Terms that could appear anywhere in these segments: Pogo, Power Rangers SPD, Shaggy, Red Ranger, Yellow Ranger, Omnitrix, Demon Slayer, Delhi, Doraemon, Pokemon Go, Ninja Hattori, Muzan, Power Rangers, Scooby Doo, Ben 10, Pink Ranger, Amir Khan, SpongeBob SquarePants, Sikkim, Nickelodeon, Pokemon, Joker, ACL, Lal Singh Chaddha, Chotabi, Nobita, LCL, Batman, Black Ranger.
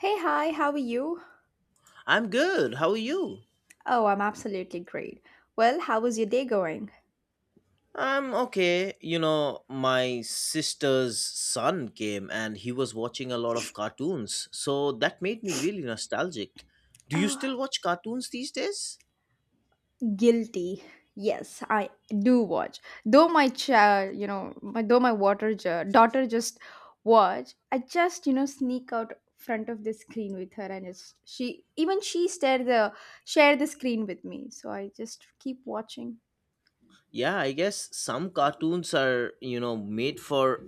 Hey, hi, how are you? I'm good. How are you? Oh, I'm absolutely great. Well, how was your day going? I'm okay. You know, my sister's son came and he was watching a lot of cartoons, so that made me really nostalgic. Do you Oh, still watch cartoons these days? guilty. Yes, I do watch. Though my child, you know, my, though my daughter just watch, I just, you know, sneak out front of the screen with her and just she share the screen with me. So I just keep watching Yeah, I guess some cartoons are, you know, made for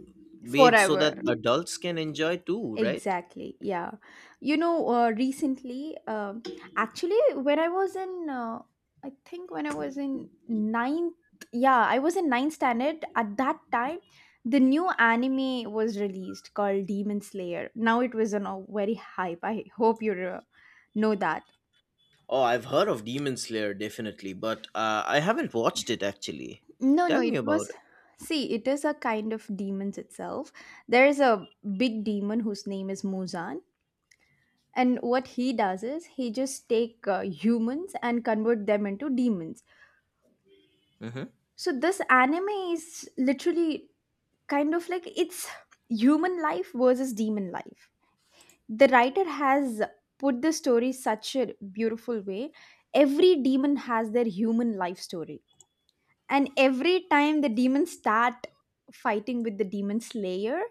made so that forever. adults can enjoy too, right? Exactly. Yeah. You know, recently, actually, when I was I think when I was in ninth, yeah, I was in ninth standard. At that time, the new anime was released called Demon Slayer. Now it was on a very hype. I hope you re- know that. Oh, I've heard of Demon Slayer definitely, but I haven't watched it actually. No, Tell no, me it about was. it. See, it is a kind of demons itself. There is a big demon whose name is Muzan, and what he does is he just take humans and convert them into demons. Mm-hmm. So this anime is literally kind of like it's human life versus demon life. The writer has put the story such a beautiful way. Every demon has their human life story, and every time the demons start fighting with the demon slayer,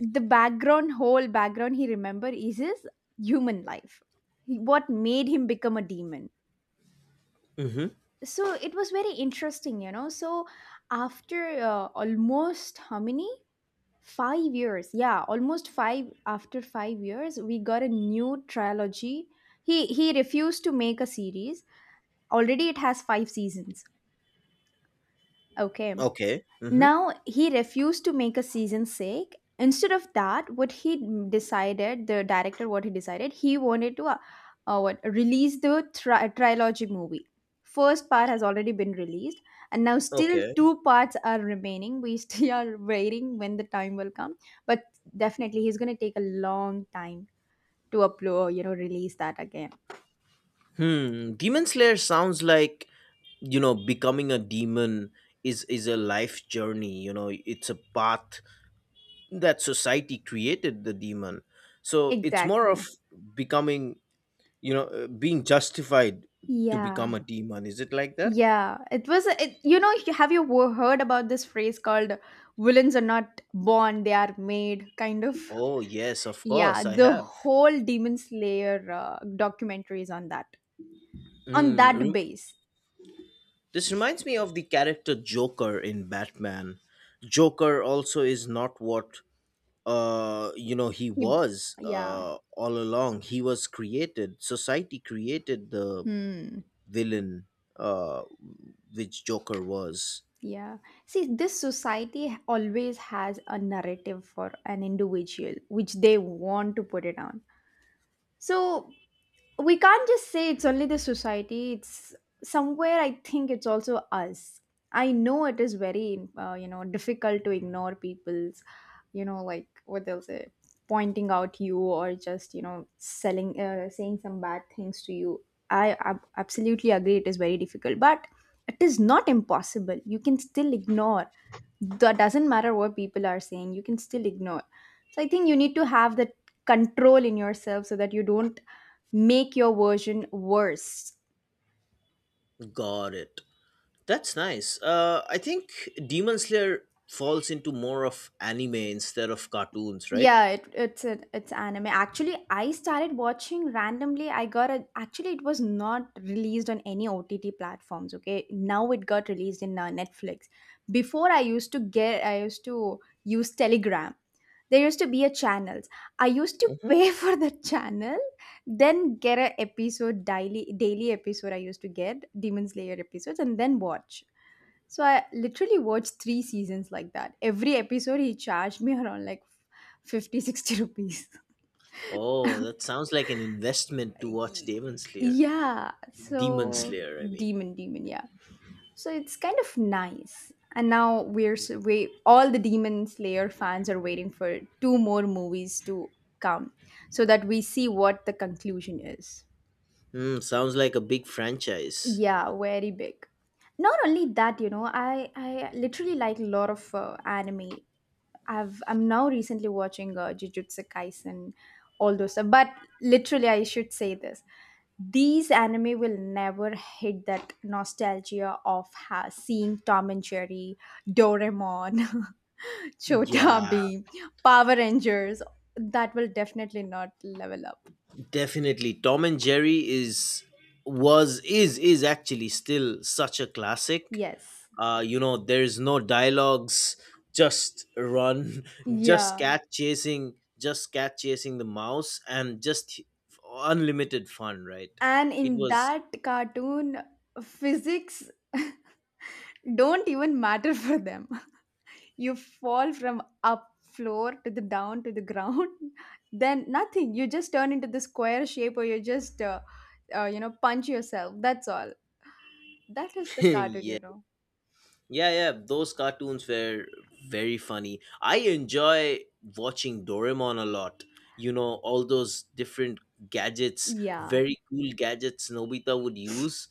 the background, whole background, he remember is his human life. What made him become a demon. Mm-hmm. So it was very interesting, you know. So after almost how many, 5 years, yeah, almost five, after 5 years we got a new trilogy. He refused to make a series. Already it has five seasons. Okay. Okay. Mm-hmm. Now he refused to make a season sake. Instead of that, what he decided, the director, what he decided, he wanted to what release the trilogy movie. First part has already been released, and now still Okay. two parts are remaining. We still are waiting when the time will come, but definitely he's going to take a long time to upload, you know, release that again. Hmm, Demon Slayer sounds like, you know, becoming a demon is a life journey. You know, it's a path that society created the demon. So it's more of Exactly. becoming, you know, being justified to Yeah. become a demon. Is it like that? Yeah, it was a- it, you know, have you heard about this phrase called villains are not born, they are made, kind of. Oh yes, of course Yeah, I the have. whole demon slayer documentary is on that, on Mm, that re- base. this reminds me of the character Joker in Batman. Joker also is not what, you know, he He- was, yeah. All along, he was created, society created the Hmm. villain, uh which Joker was. Yeah, see, this society, always has a narrative for an individual which they want to put it on. So we can't just say it's only the society, it's somewhere, I think it's also us. I know it is very you know, difficult to ignore people's, you know, like what they'll say, pointing out you, or just, you know, selling, saying some bad things to you. Absolutely agree it is very difficult, but it is not impossible. You can still ignore. That doesn't matter what people are saying, you can still ignore. So I think you need to have that control in yourself so that you don't make your version worse. Got it. That's nice. I think Demon Slayer falls into more of anime instead of cartoons, right? Yeah, it's it's anime. Actually, I started watching randomly. I got a actually it was not released on any OTT platforms. Okay, now it got released in Netflix. Before I used to use Telegram. There used to be a channels. I used to Hmm. pay for the channel, then get a episode, daily episode. I used to get Demon Slayer episodes and then watch. So I literally watched three seasons like that. Every episode he charged me around like 50, 60 rupees. Oh, that sounds like an investment to watch Demon Slayer. Yeah, Demon so, Slayer, I mean. Demon, yeah. So it's kind of nice, and now we're so we all the demon slayer fans are waiting for two more movies to come, so that we see what the conclusion is. Hmm, sounds like a big franchise. Yeah, very big. Not only that, you know, I literally like a lot of anime. I'm now recently watching jujutsu kaisen, all those stuff. But literally I should say this, these anime will never hit that nostalgia of seeing Tom and Jerry, Doraemon, Yeah. Chotabi, Power Rangers. That will definitely not level up. Definitely, Tom and Jerry is was is actually still such a classic. Yes. You know, there's no dialogues, just run, just Yeah. cat chasing, just cat chasing the mouse, and just unlimited fun. Right? And It in was. that cartoon, physics don't even matter for them. You fall from up floor to the down to the ground, then nothing. You just turn into the square shape, or you just, you know, punch yourself. That's all. That is the cartoon, Yeah. you know. Yeah, yeah, those cartoons were very funny. I enjoy watching Doraemon a lot. You know, all those different gadgets, Yeah. very cool gadgets Nobita would use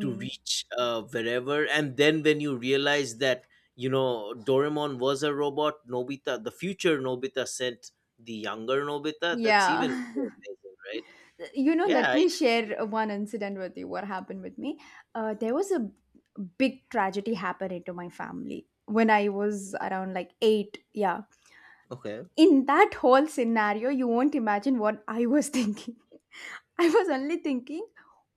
to reach, wherever. And then when you realize that, you know, Doraemon was a robot, Nobita, the future Nobita sent the younger Nobita, that's even more Yeah. amazing, right? You know, Yeah. let me share one incident with you. What happened with me? There was a big tragedy happening to my family when I was around like 8. Yeah. In that whole scenario, you won't imagine what I was thinking. I was only thinking,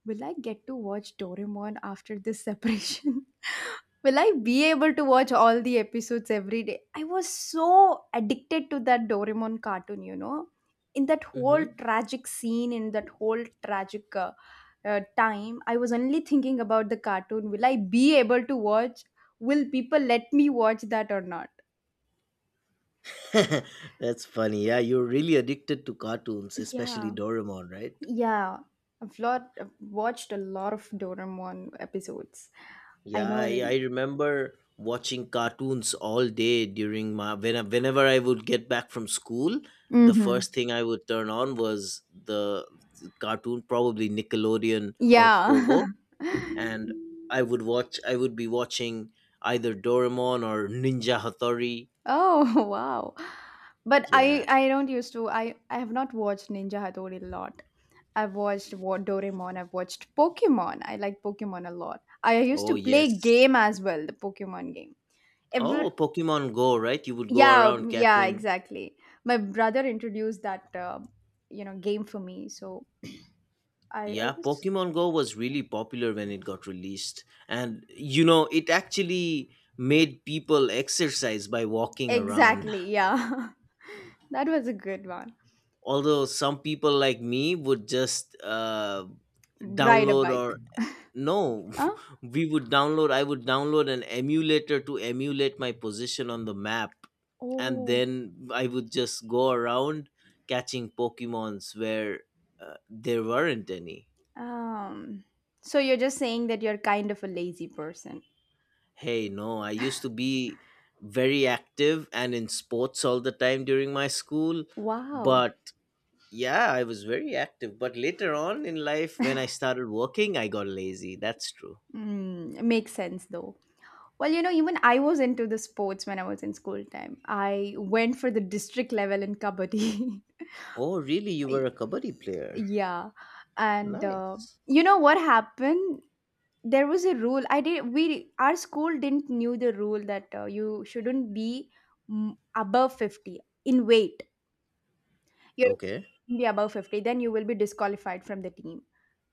will I get to watch Doraemon after this separation? Will I be able to watch all the episodes every day? I was so addicted to that Doraemon cartoon, you know. In that whole Okay. tragic scene, in that whole tragic time, I was only thinking about the cartoon. Will I be able to watch? Will people let me watch that or not? That's funny. Yeah, you're really addicted to cartoons, especially Yeah, Doraemon, right? yeah. I've watched a lot of Doraemon episodes. I Yeah, know. I remember watching cartoons all day during whenever I would get back from school. The Mm-hmm. first thing I would turn on was the cartoon, probably Nickelodeon or Yeah. Pogo, and I would watch. I would be watching either Doraemon or Ninja Hattori. Oh, wow. But Yeah. I don't used to, I have not watched Ninja Hattori a lot. I've watched Doraemon, I've watched Pokemon. I like Pokemon a lot. I used Oh to play yes. game as well, the Pokemon game. Ever, Oh, Pokemon Go, right? You would go yeah, around yeah, catching. exactly. My brother introduced that you know, game for me, so I Yeah, was Pokemon Go was really popular when it got released. And, you know, it actually made people exercise by walking around. exactly, yeah. That was a good one. Although some people like me would just, Ride a download bike. or no, Huh? I would download an emulator to emulate my position on the map. And Oh, then I would just go around catching Pokemons where, there weren't any. Um, so you're just saying that you're kind of a lazy person. Hey, no, I used to be very active and in sports all the time during my school. Wow. But yeah, I was very active. But later on in life, when I started working, I got lazy. That's true. Mm, makes sense though. Well, you know, even I was into the sports when I was in school time. I went for the district level in kabaddi. Oh, really? You were a kabaddi player? Yeah. And Nice. you know what happened? There was a rule. I did we our school didn't knew the rule that you shouldn't be, mm, above 50 in weight. You're Okay. be above 50, then you will be disqualified from the team.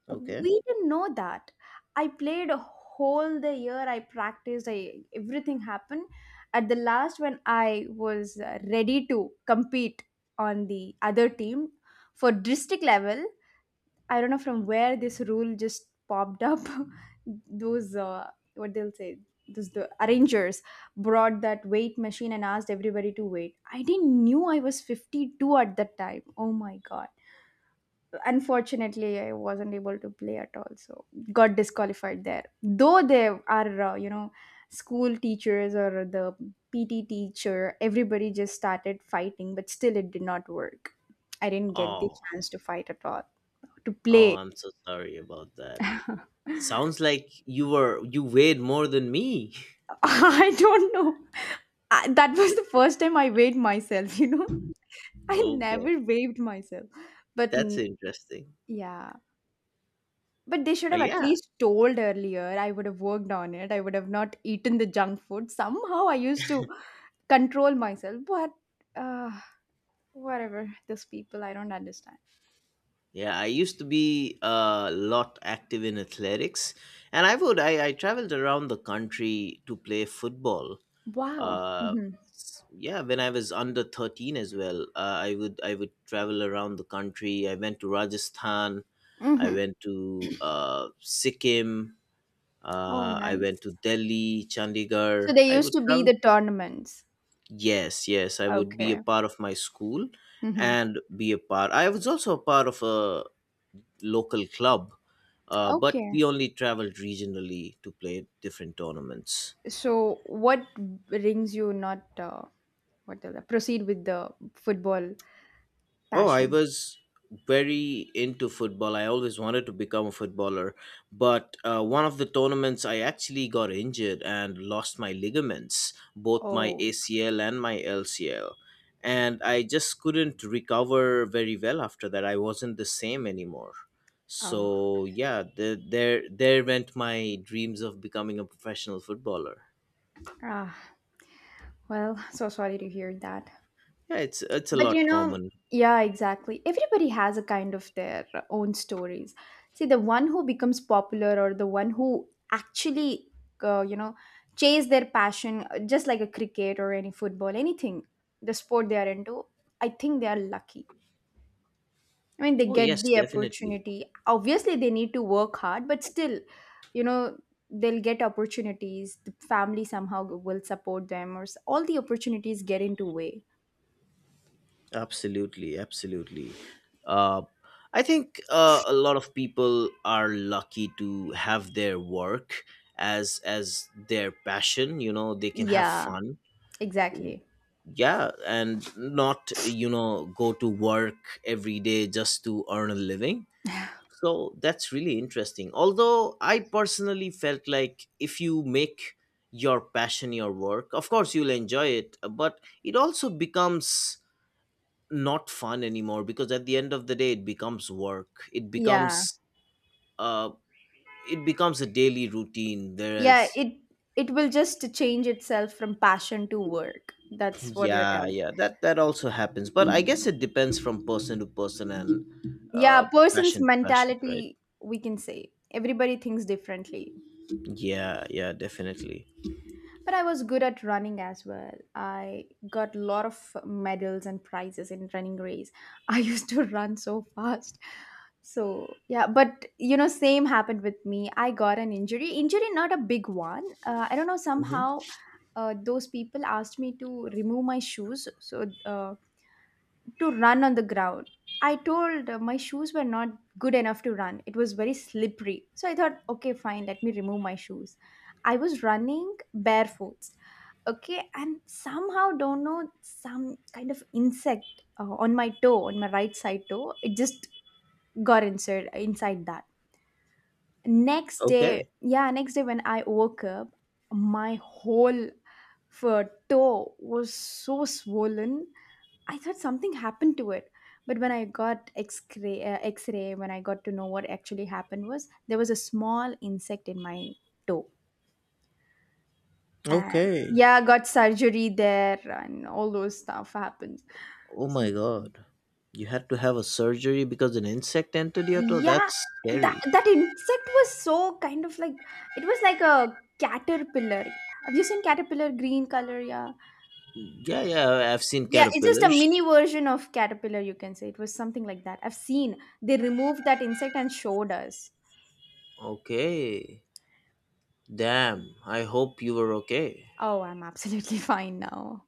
Okay. We didn't know that. I played a whole the year. I practiced. I everything happened. At the last, when I was ready to compete on the other team for district level, I don't know from where this rule just popped up. Those what they'll say. Those the arrangers brought that weight machine and asked everybody to wait. I didn't knew I was 52 at that time. Oh my god, unfortunately I wasn't able to play at all, so got disqualified there. Though there are you know, school teachers or the PT teacher, everybody just started fighting, but still it did not work. I didn't get the Oh, chance to fight at all, to oh, play. I'm so sorry about that. Sounds like you weighed more than me. I don't know. That was the first time I weighed myself, you know. I Okay, never weighed myself, but, that's mm, interesting. yeah. But they should Uh, have at yeah, least told earlier. I would have worked on it. I would have not eaten the junk food. Somehow I used to control myself, but uh, whatever. Those people, I don't understand. Yeah, I used to be a lot active in athletics, and I traveled around the country to play football. Wow. Uh, Mm-hmm. Yeah, when I was under 13 as well, I would travel around the country. I went to Rajasthan, I Mm-hmm. went to, Sikkim, Oh, I went nice. to Delhi, So Chandigarh. they I used would to be travel. the tournaments. Yes, yes, I would be a Okay. part of my school Mm-hmm. and be a part. I was also a part of a local club, but Okay. we only traveled regionally to play different tournaments. So what brings you not what the, proceed with the football Oh, I passion? was very into football. I always wanted to become a footballer, but one of the tournaments I actually got injured and lost my ligaments, both my Oh, ACL and my LCL. And I just couldn't recover very well after that. I wasn't the same anymore. oh, So yeah, there went my dreams of becoming a professional footballer. ah. Well, so sorry to hear that. Yeah, it's a But you lot know, common. yeah, exactly. Everybody has a kind of their own stories. See, the one who becomes popular, or the one who actually, you know, chase their passion, just like a cricket or any football, anything, the sport they are into, I think they are lucky. I mean, they Oh get yes, the definitely, opportunity. Obviously, they need to work hard, but still, you know, they'll get opportunities. The family somehow will support them, or all the opportunities get into way. absolutely, absolutely. Uh, I think a lot of people are lucky to have their work as their passion. You know, they can have Yeah, fun. exactly. Yeah, and not, go to work every day just to earn a living. So that's really interesting. Although I personally felt like if you make your passion your work, of course you'll enjoy it, but it also becomes not fun anymore because at the end of the day it becomes work. Yeah. Uh it becomes a daily routine, Yeah, whereas it will just change itself from passion to work. That's what you're yeah, telling. yeah, that also happens. But I guess it depends from person to person, and Yeah, person's passion to passion, right? mentality, we can say. Everybody thinks differently. Yeah, yeah, definitely. But I was good at running as well. I got a lot of medals and prizes in running race. I used to run so fast. So, yeah, but you know, same happened with me. I got an injury. Injury, not a big one. I don't know, Hmm. somehow those people asked me to remove my shoes so to run on the ground. I told my shoes were not good enough to run. It was very slippery. So I thought, okay, fine, let me remove my shoes. I was running barefoot, okay, and somehow don't know some kind of insect on my toe, on my right side toe. It just got inside, that next day. Okay. Yeah, next day when I woke up, my whole for toe was so swollen. I thought something happened to it. But when I got x-ray, x-ray, when I got to know what actually happened, was there was a small insect in my toe. And Okay. yeah, got surgery there and all those stuff happened. Oh So- my god. You had to have a surgery because an insect entered your toe? yeah, That's scary. that insect was so kind of like, it was like a caterpillar. Have you seen caterpillar green color? Yeah. Yeah, yeah, have seen Yeah, it's just a mini caterpillars. version of caterpillar, you can say. It was something like that. I've seen. They removed that insect and showed us. Okay. Damn, I hope you were okay. Oh, I'm absolutely fine now.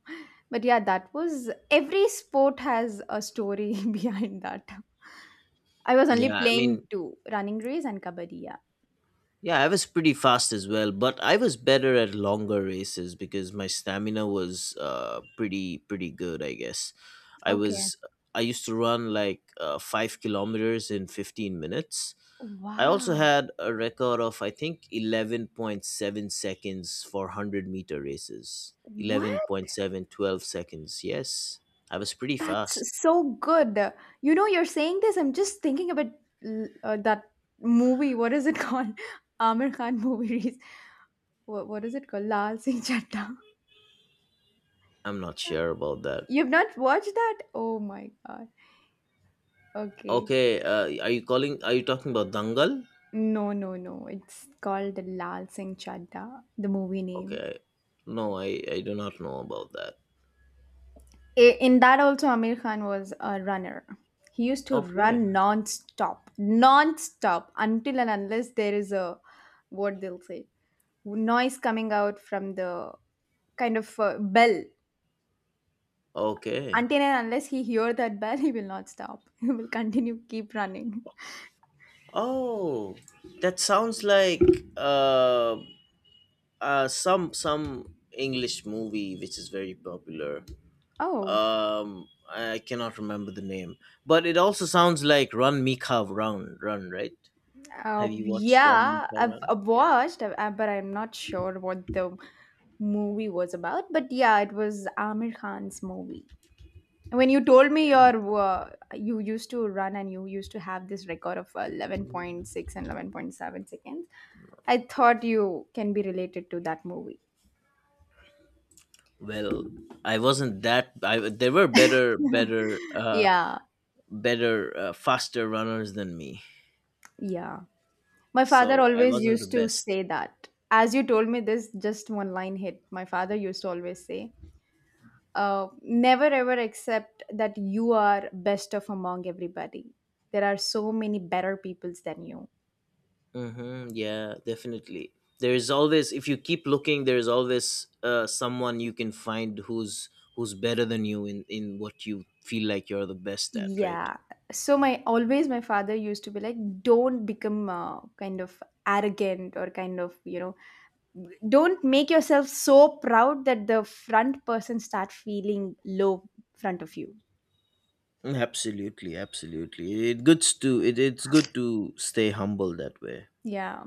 But yeah, that was, every sport has a story behind that. I was only Yeah, I playing mean, two running race and kabaddi. Yeah. yeah, I was pretty fast as well, but I was better at longer races because my stamina was, pretty good, I guess. I Okay. was I used to run like, 5 kilometers in 15 minutes. I also Wow. had a record of, I think, 11.7 seconds for 100-meter races. Eleven What? point seven twelve seconds. Yes. I was pretty fast. That's so good. You know, you're saying this, I'm just thinking about that movie. What is it called? Amir Khan movies. What is it called? Lal Singh Chaddha. I'm not sure about that. You've not watched that? Oh my god. Okay. Okay, are you talking about Dangal? No, no, no. It's called Lal Singh Chaddha, the movie name. Okay. No, I do not know about that. In that also, Amir Khan was a runner. He used to Okay. run non-stop, non-stop until and unless there is a, what they'll say, noise coming out from the kind of bell. Okay. Until and unless he hear that bell, he will not stop. He will continue keep running. Oh, that sounds like, uh, some English movie which is very popular. Oh, um I cannot remember the name, but it also sounds like Run Mika Run, run, right? Have you watched Run yeah, Mika I've, Run? I've Yeah. watched, but I'm not sure what the movie was about. But yeah, it was Amir Khan's movie. When you told me Okay. your you used to run and you used to have this record of 11.6 and 11.7 seconds, I thought you can be related to that movie. Well, I wasn't that I there were better better Yeah, better faster runners than me. yeah. My father So I always wasn't the used to best. say that. As you told me this, just one line hit. My father used to always say, never ever accept that you are best of among everybody. There are so many better peoples than you. Mm-hmm, yeah, definitely, there is always, if you keep looking, there is always, someone you can find who's better than you in what you feel like you're the best at, right? Yeah. So my always my father used to be like, don't become kind of arrogant or kind of, you know, don't make yourself so proud that the front person start feeling low front of you. Mm. Absolutely, absolutely. It's good to stay humble that way. Yeah.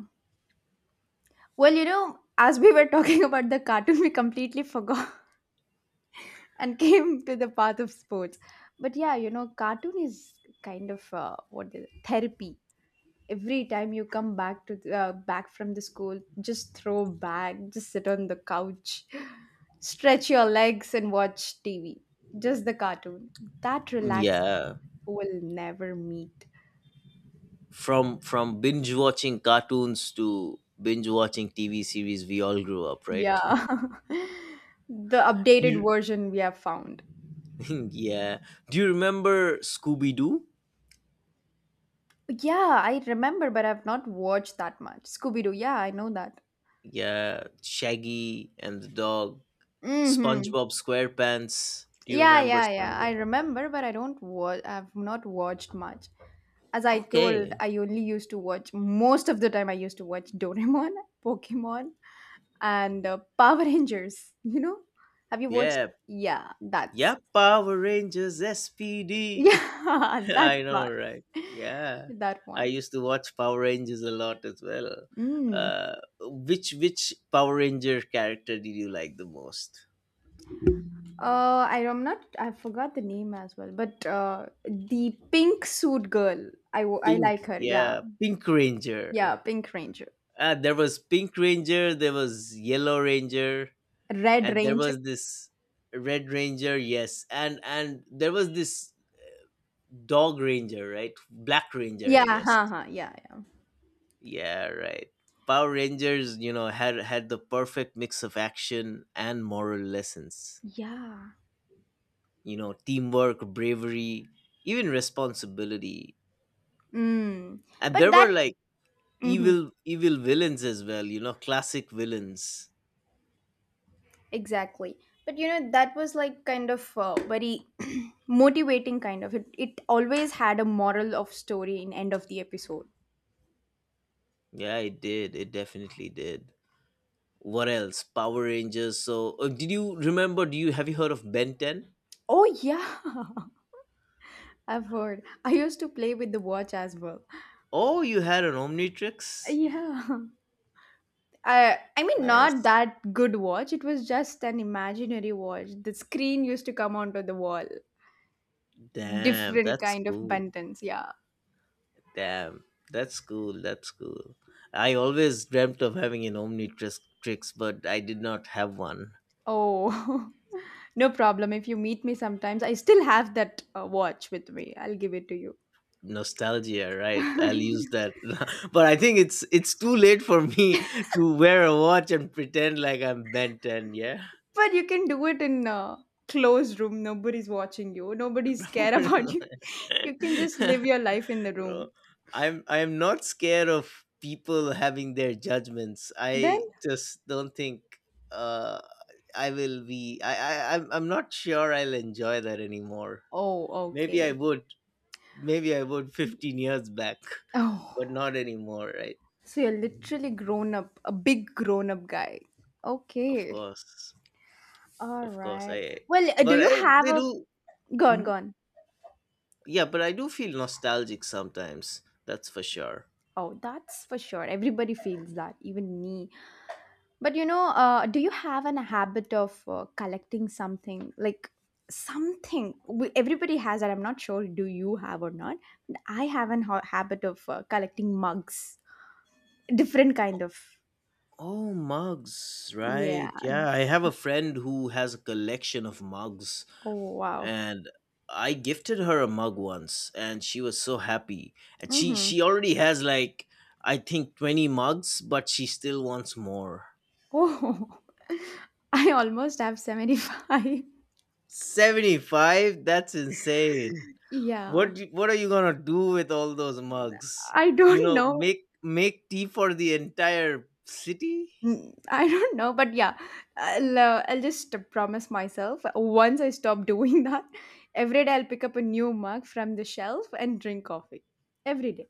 Well, you know, as we were talking about the cartoon, we completely forgot and came to the path of sports. But yeah, you know, cartoon is kind of what is it? Therapy. Every time you come back to back from the school, just throw back, just sit on the couch, stretch your legs, and watch TV. Just the cartoon. That relax Yeah. will never meet. From binge watching cartoons to binge watching TV series, we all grew up, right? Yeah, the updated You, version we have found. yeah. Do you remember Scooby Doo? Yeah, I remember, but I've not watched that much. Scooby-Doo, yeah, I know that. Yeah, Shaggy and the dog, Mm-hmm. SpongeBob SquarePants. Do you Yeah, remember yeah, yeah. I SpongeBob? remember, but I don't watch. I've not watched much. As I told, Okay. I only used to watch most of the time. I used to watch Doraemon, Pokemon, and Power Rangers. You know, have you watched? Yeah, Yeah, yeah, that's Power Rangers SPD. yeah, that's I know, one. right? Yeah, That I one. used to watch Power Rangers a lot as well. Mm. Which Power Ranger character did you like the most? I am not. I forgot the name as well, but the pink suit girl. I Pink, like her. Yeah, yeah, Pink yeah, Ranger. Pink Ranger, There was Pink Ranger, there was Yellow Ranger, Red and there Ranger. was this Red Ranger. Yes, and there was this Dog Ranger, right? Black Ranger, I Yeah, guess. ha ha. Yeah, yeah, Yeah, right. Power Rangers, you know, had the perfect mix of action and moral lessons. yeah. You know, teamwork, bravery, even responsibility. Mm. And But there that, were like mhm, evil villains as well, you know, classic villains. exactly. But you know, that was like kind of very motivating kind of it. It always had a moral of story in end of the episode. Yeah, it did. It definitely did. What else? Power Rangers. So, did you remember do you have you heard of Ben 10? Oh yeah, I've heard. I used to play with the watch as well. Oh, you had an Omnitrix? Yeah. I mean, not Nice. that good watch. It was just an imaginary watch. The screen used to come onto the wall. Damn, Different that's kind of cool. buttons. Yeah. Damn, that's cool. That's cool. I always dreamt of having an Omnitrix tricks, but I did not have one. Oh, no problem. If you meet me sometimes, I still have that watch with me. I'll give it to you. Nostalgia, right? But I'll use that. But I think it's too late for me to wear a watch and pretend like I'm Ben 10, yeah? you can do it in a closed room. Nobody's watching you. Nobody's care about you. You can just live your life in the Bro, room. I'm not scared of people having their judgments. Then, I just don't think uh I will be I I'm not sure I'll enjoy that anymore. oh, Maybe okay. I would. Maybe I would 15 years back, but Oh, not anymore, right? so you're literally grown up, a big grown up guy. Of Okay. course. All Of course. right. I. Well, do But you have they a do. gone Mhm. gone? Yeah, but I do feel nostalgic sometimes. That's for sure. Oh, that's for sure. Everybody feels that, even me. But you know, do you have an habit of collecting something like something? We, everybody has that. I'm not sure. Do you have or not? But I have an habit of collecting mugs, different kind of. Oh, mugs, Yeah. right. Yeah, I have a friend who has a collection of mugs, Oh wow. and I gifted her a mug once, and she was so happy. And she Mm-hmm. she already has like, I think, 20 mugs, but she still wants more. Oh, I almost have 75. 75? That's insane. What Yeah. do- what are you going to do with all those mugs? I You don't know, know. make tea for the entire city? Mm, I don't know, but yeah, I'll just promise myself once I stop doing that, every day I'll pick up a new mug from the shelf and drink coffee. Every day.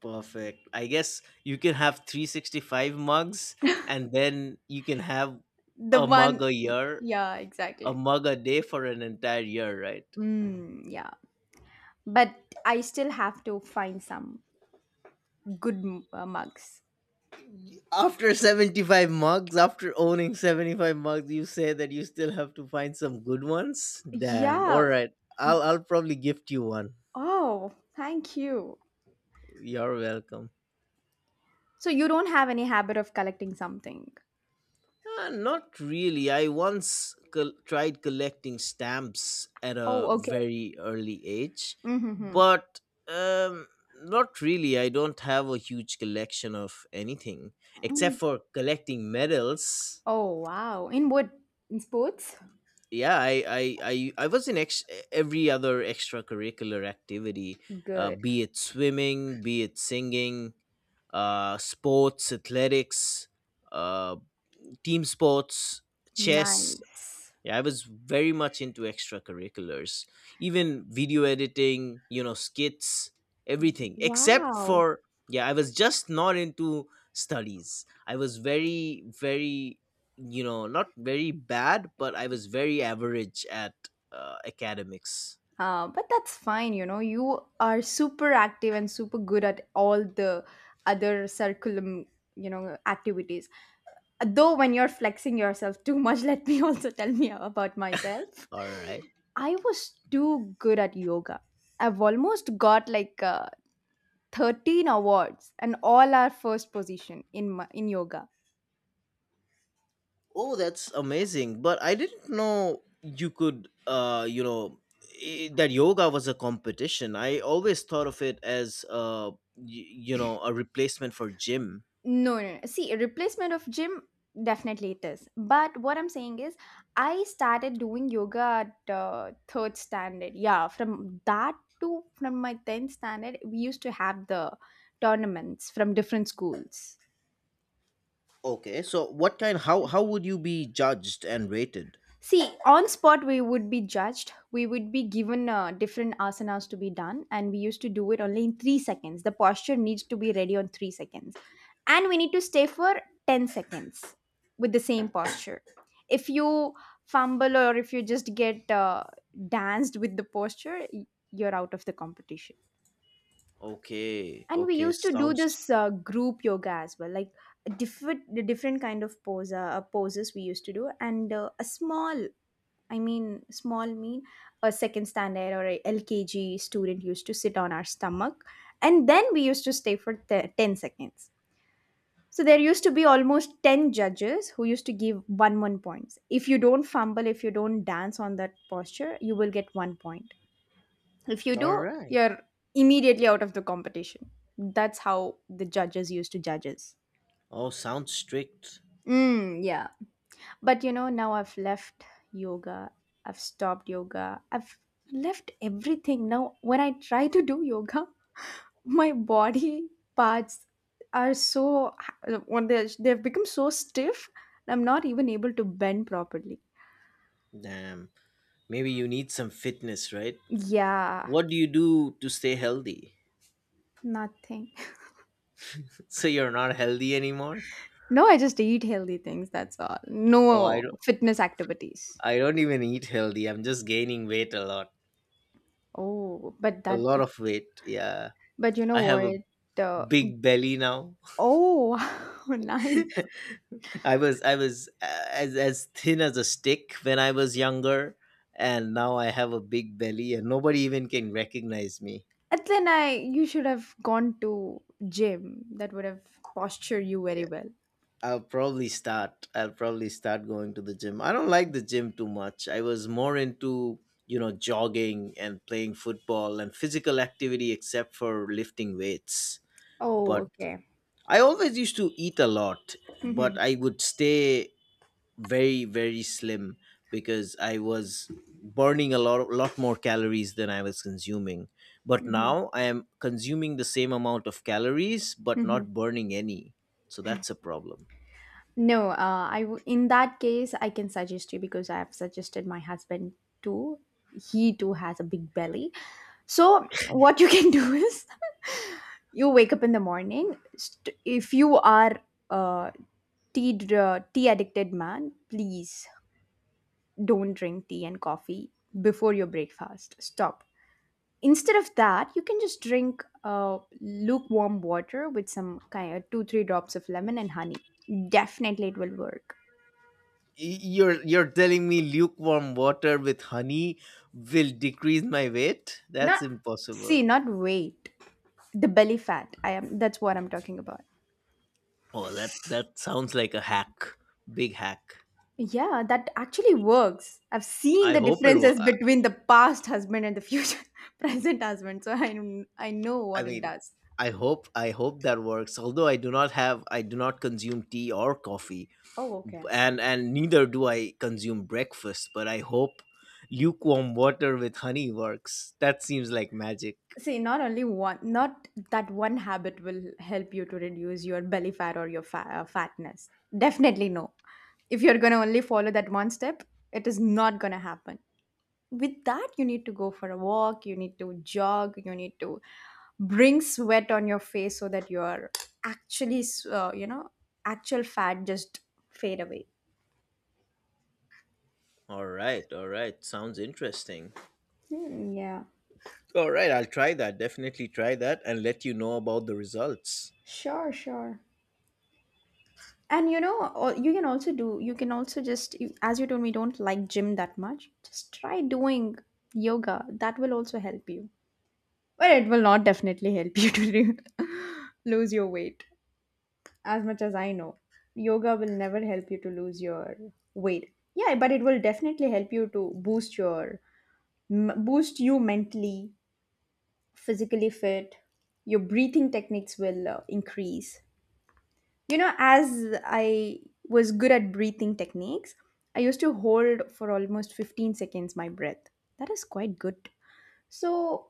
Perfect. I guess you can have 365 mugs and then you can have The a mug one, a year, yeah, a exactly. mug a day for an entire year, right? Mm, yeah. But I still have to find some good mugs. After 75 mugs, after owning 75 mugs, you say that you still have to find some good ones? Damn. All Yeah. right. I'll probably gift you one. Oh, thank you. You're welcome. So you don't have any habit of collecting something. Not really. I once tried collecting stamps at Oh, a okay. very early age, Mm-hmm. but um, not really. I don't have a huge collection of anything except for collecting medals. Oh, wow. In what? In sports? Yeah, I was in every other extracurricular activity, Good. be it swimming, be it singing, sports, athletics, uh, team sports, chess. Nice. Yeah, I was very much into extracurriculars, even video editing, you know, skits, everything, except Wow. for, yeah, I was just not into studies. I was very, very, you know, not very bad, but I was very average at, academics. But that's fine, you know. You are super active and super good at all the other curriculum, you know, activities. Though when you're flexing yourself too much, let me also tell me about myself. All right. I was too good at yoga. I've almost got like 13 awards and all are first position in my, in yoga. Oh, that's amazing. But I didn't know you could, that yoga was a competition. I always thought of it as, you know, a replacement for gym. No, no, no. See, replacement of gym, definitely it is. But what I'm saying is, I started doing yoga at third standard. Yeah, from that to from my tenth standard, we used to have the tournaments from different schools. Okay, so what kind? How would you be judged and rated? See, on spot we would be judged. We would be given different asanas to be done, and we used to do it only in 3 seconds. The posture needs to be ready on 3 seconds. And we need to stay for 10 seconds with the same posture. If you fumble or if you just get danced with the posture, you're out of the competition. Okay, And we okay, used to do sounds this group yoga as well, like different the different kind of poses we used to do. And a small, I mean small mean a second standard or a lkg student used to sit on our stomach, and then we used to stay for 10 seconds. So there used to be almost 10 judges who used to give 1 points. If you don't fumble, if you don't dance on that posture, you will get 1 point. If you all do, right. you're immediately out of the competition. That's how the judges used to judge us. Oh, sounds strict. Mm, yeah. But you know, now I've left yoga. I've stopped yoga. I've left everything. Now, when I try to do yoga, my body parts are so, when they've become so stiff, I'm not even able to bend properly. Damn, maybe you need some fitness, right? Yeah, What do you do to stay healthy? nothing. So you're not healthy anymore? No, I just eat healthy things. That's all, Oh, I no don't. fitness activities. I don't even eat healthy. I'm just gaining weight a lot. Oh, but A that, lot of weight. Yeah. but you know I have a what, big belly now. oh, nice. I was as thin as a stick when I was younger, and now I have a big belly, and nobody even can recognize me. And then i you should have gone to gym. That would have postured you very Yeah, well. I'll probably start. I'll probably start going to the gym. I don't like the gym too much. I was more into, you know, jogging and playing football and physical activity, except for lifting weights. Oh, But okay. I always used to eat a lot, Hmm. but I would stay very, very slim because I was burning a lot, lot more calories than I was consuming. But Hmm. now I am consuming the same amount of calories, but Hmm. not burning any. So that's a problem. No, in that case I can suggest you because I have suggested my husband too. He too has a big belly. So what you can do is you wake up in the morning. If you are a tea addicted man, please don't drink tea and coffee before your breakfast. Stop. Instead of that, you can just drink lukewarm water with some kind of two-three drops of lemon and honey. Definitely, it will work. You're telling me lukewarm water with honey will decrease my weight? That's Not, see, impossible. not weight. The belly fat. I am, that's what I'm talking about. Oh, that sounds like a hack, big hack. Yeah, that actually works. I've seen I the hope it was. differences between the past husband and the future present husband, so I know I what it mean, does. I hope that works. Although I do not consume tea or coffee, Oh, b- okay. and and neither do I consume breakfast. But I hope lukewarm water with honey works. That seems like magic. See, not only one, not that one habit will help you to reduce your belly fat or your fatness. Definitely no. If you're gonna only follow that one step, it is not gonna happen. With that, you need to go for a walk, you need to jog, you need to bring sweat on your face so that your actually you know, actual fat just fade away. All right, all right. Sounds interesting. Hmm, yeah. All right, I'll try that. Definitely try that and let you know about the results. Sure, sure. And you know, you can also do, you can also just as you told me don't like gym that much, just try doing yoga. That will also help you. Well, it will not definitely help you to do- lose your weight. As much as I know, yoga will never help you to lose your weight. Yeah, but it will definitely help you to boost your boost you mentally, physically fit. Your breathing techniques will increase. You know, as I was good at breathing techniques, I used to hold for almost 15 seconds my breath. That is quite good. So,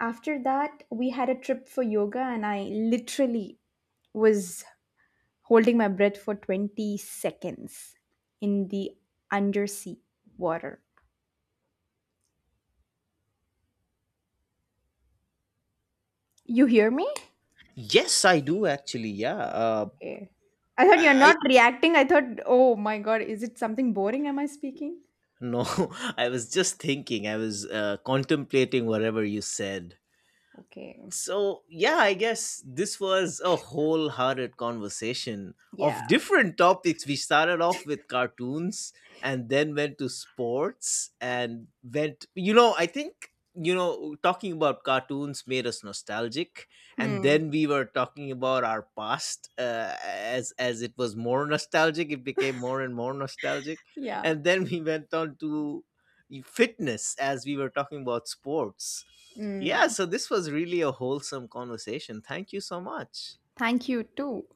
after that, we had a trip for yoga and I literally was holding my breath for 20 seconds in the undersea water. You hear me? Yes, I do actually. Yeah. Okay. I thought you're I not reacting. I thought, oh my god, is it something boring? Am I speaking? No, I was just thinking. I was, contemplating whatever you said. Okay. So, yeah, I guess this was a wholehearted conversation of Yeah. different topics. We started off with cartoons and then went to sports and went, you know, I think, you know, talking about cartoons made us nostalgic. And Hmm. then we were talking about our past, as it was more nostalgic, it became more and more nostalgic. Yeah. And then we went on to fitness as we were talking about sports. Yeah, Mm. so this was really a wholesome conversation. Thank you so much. Thank you too.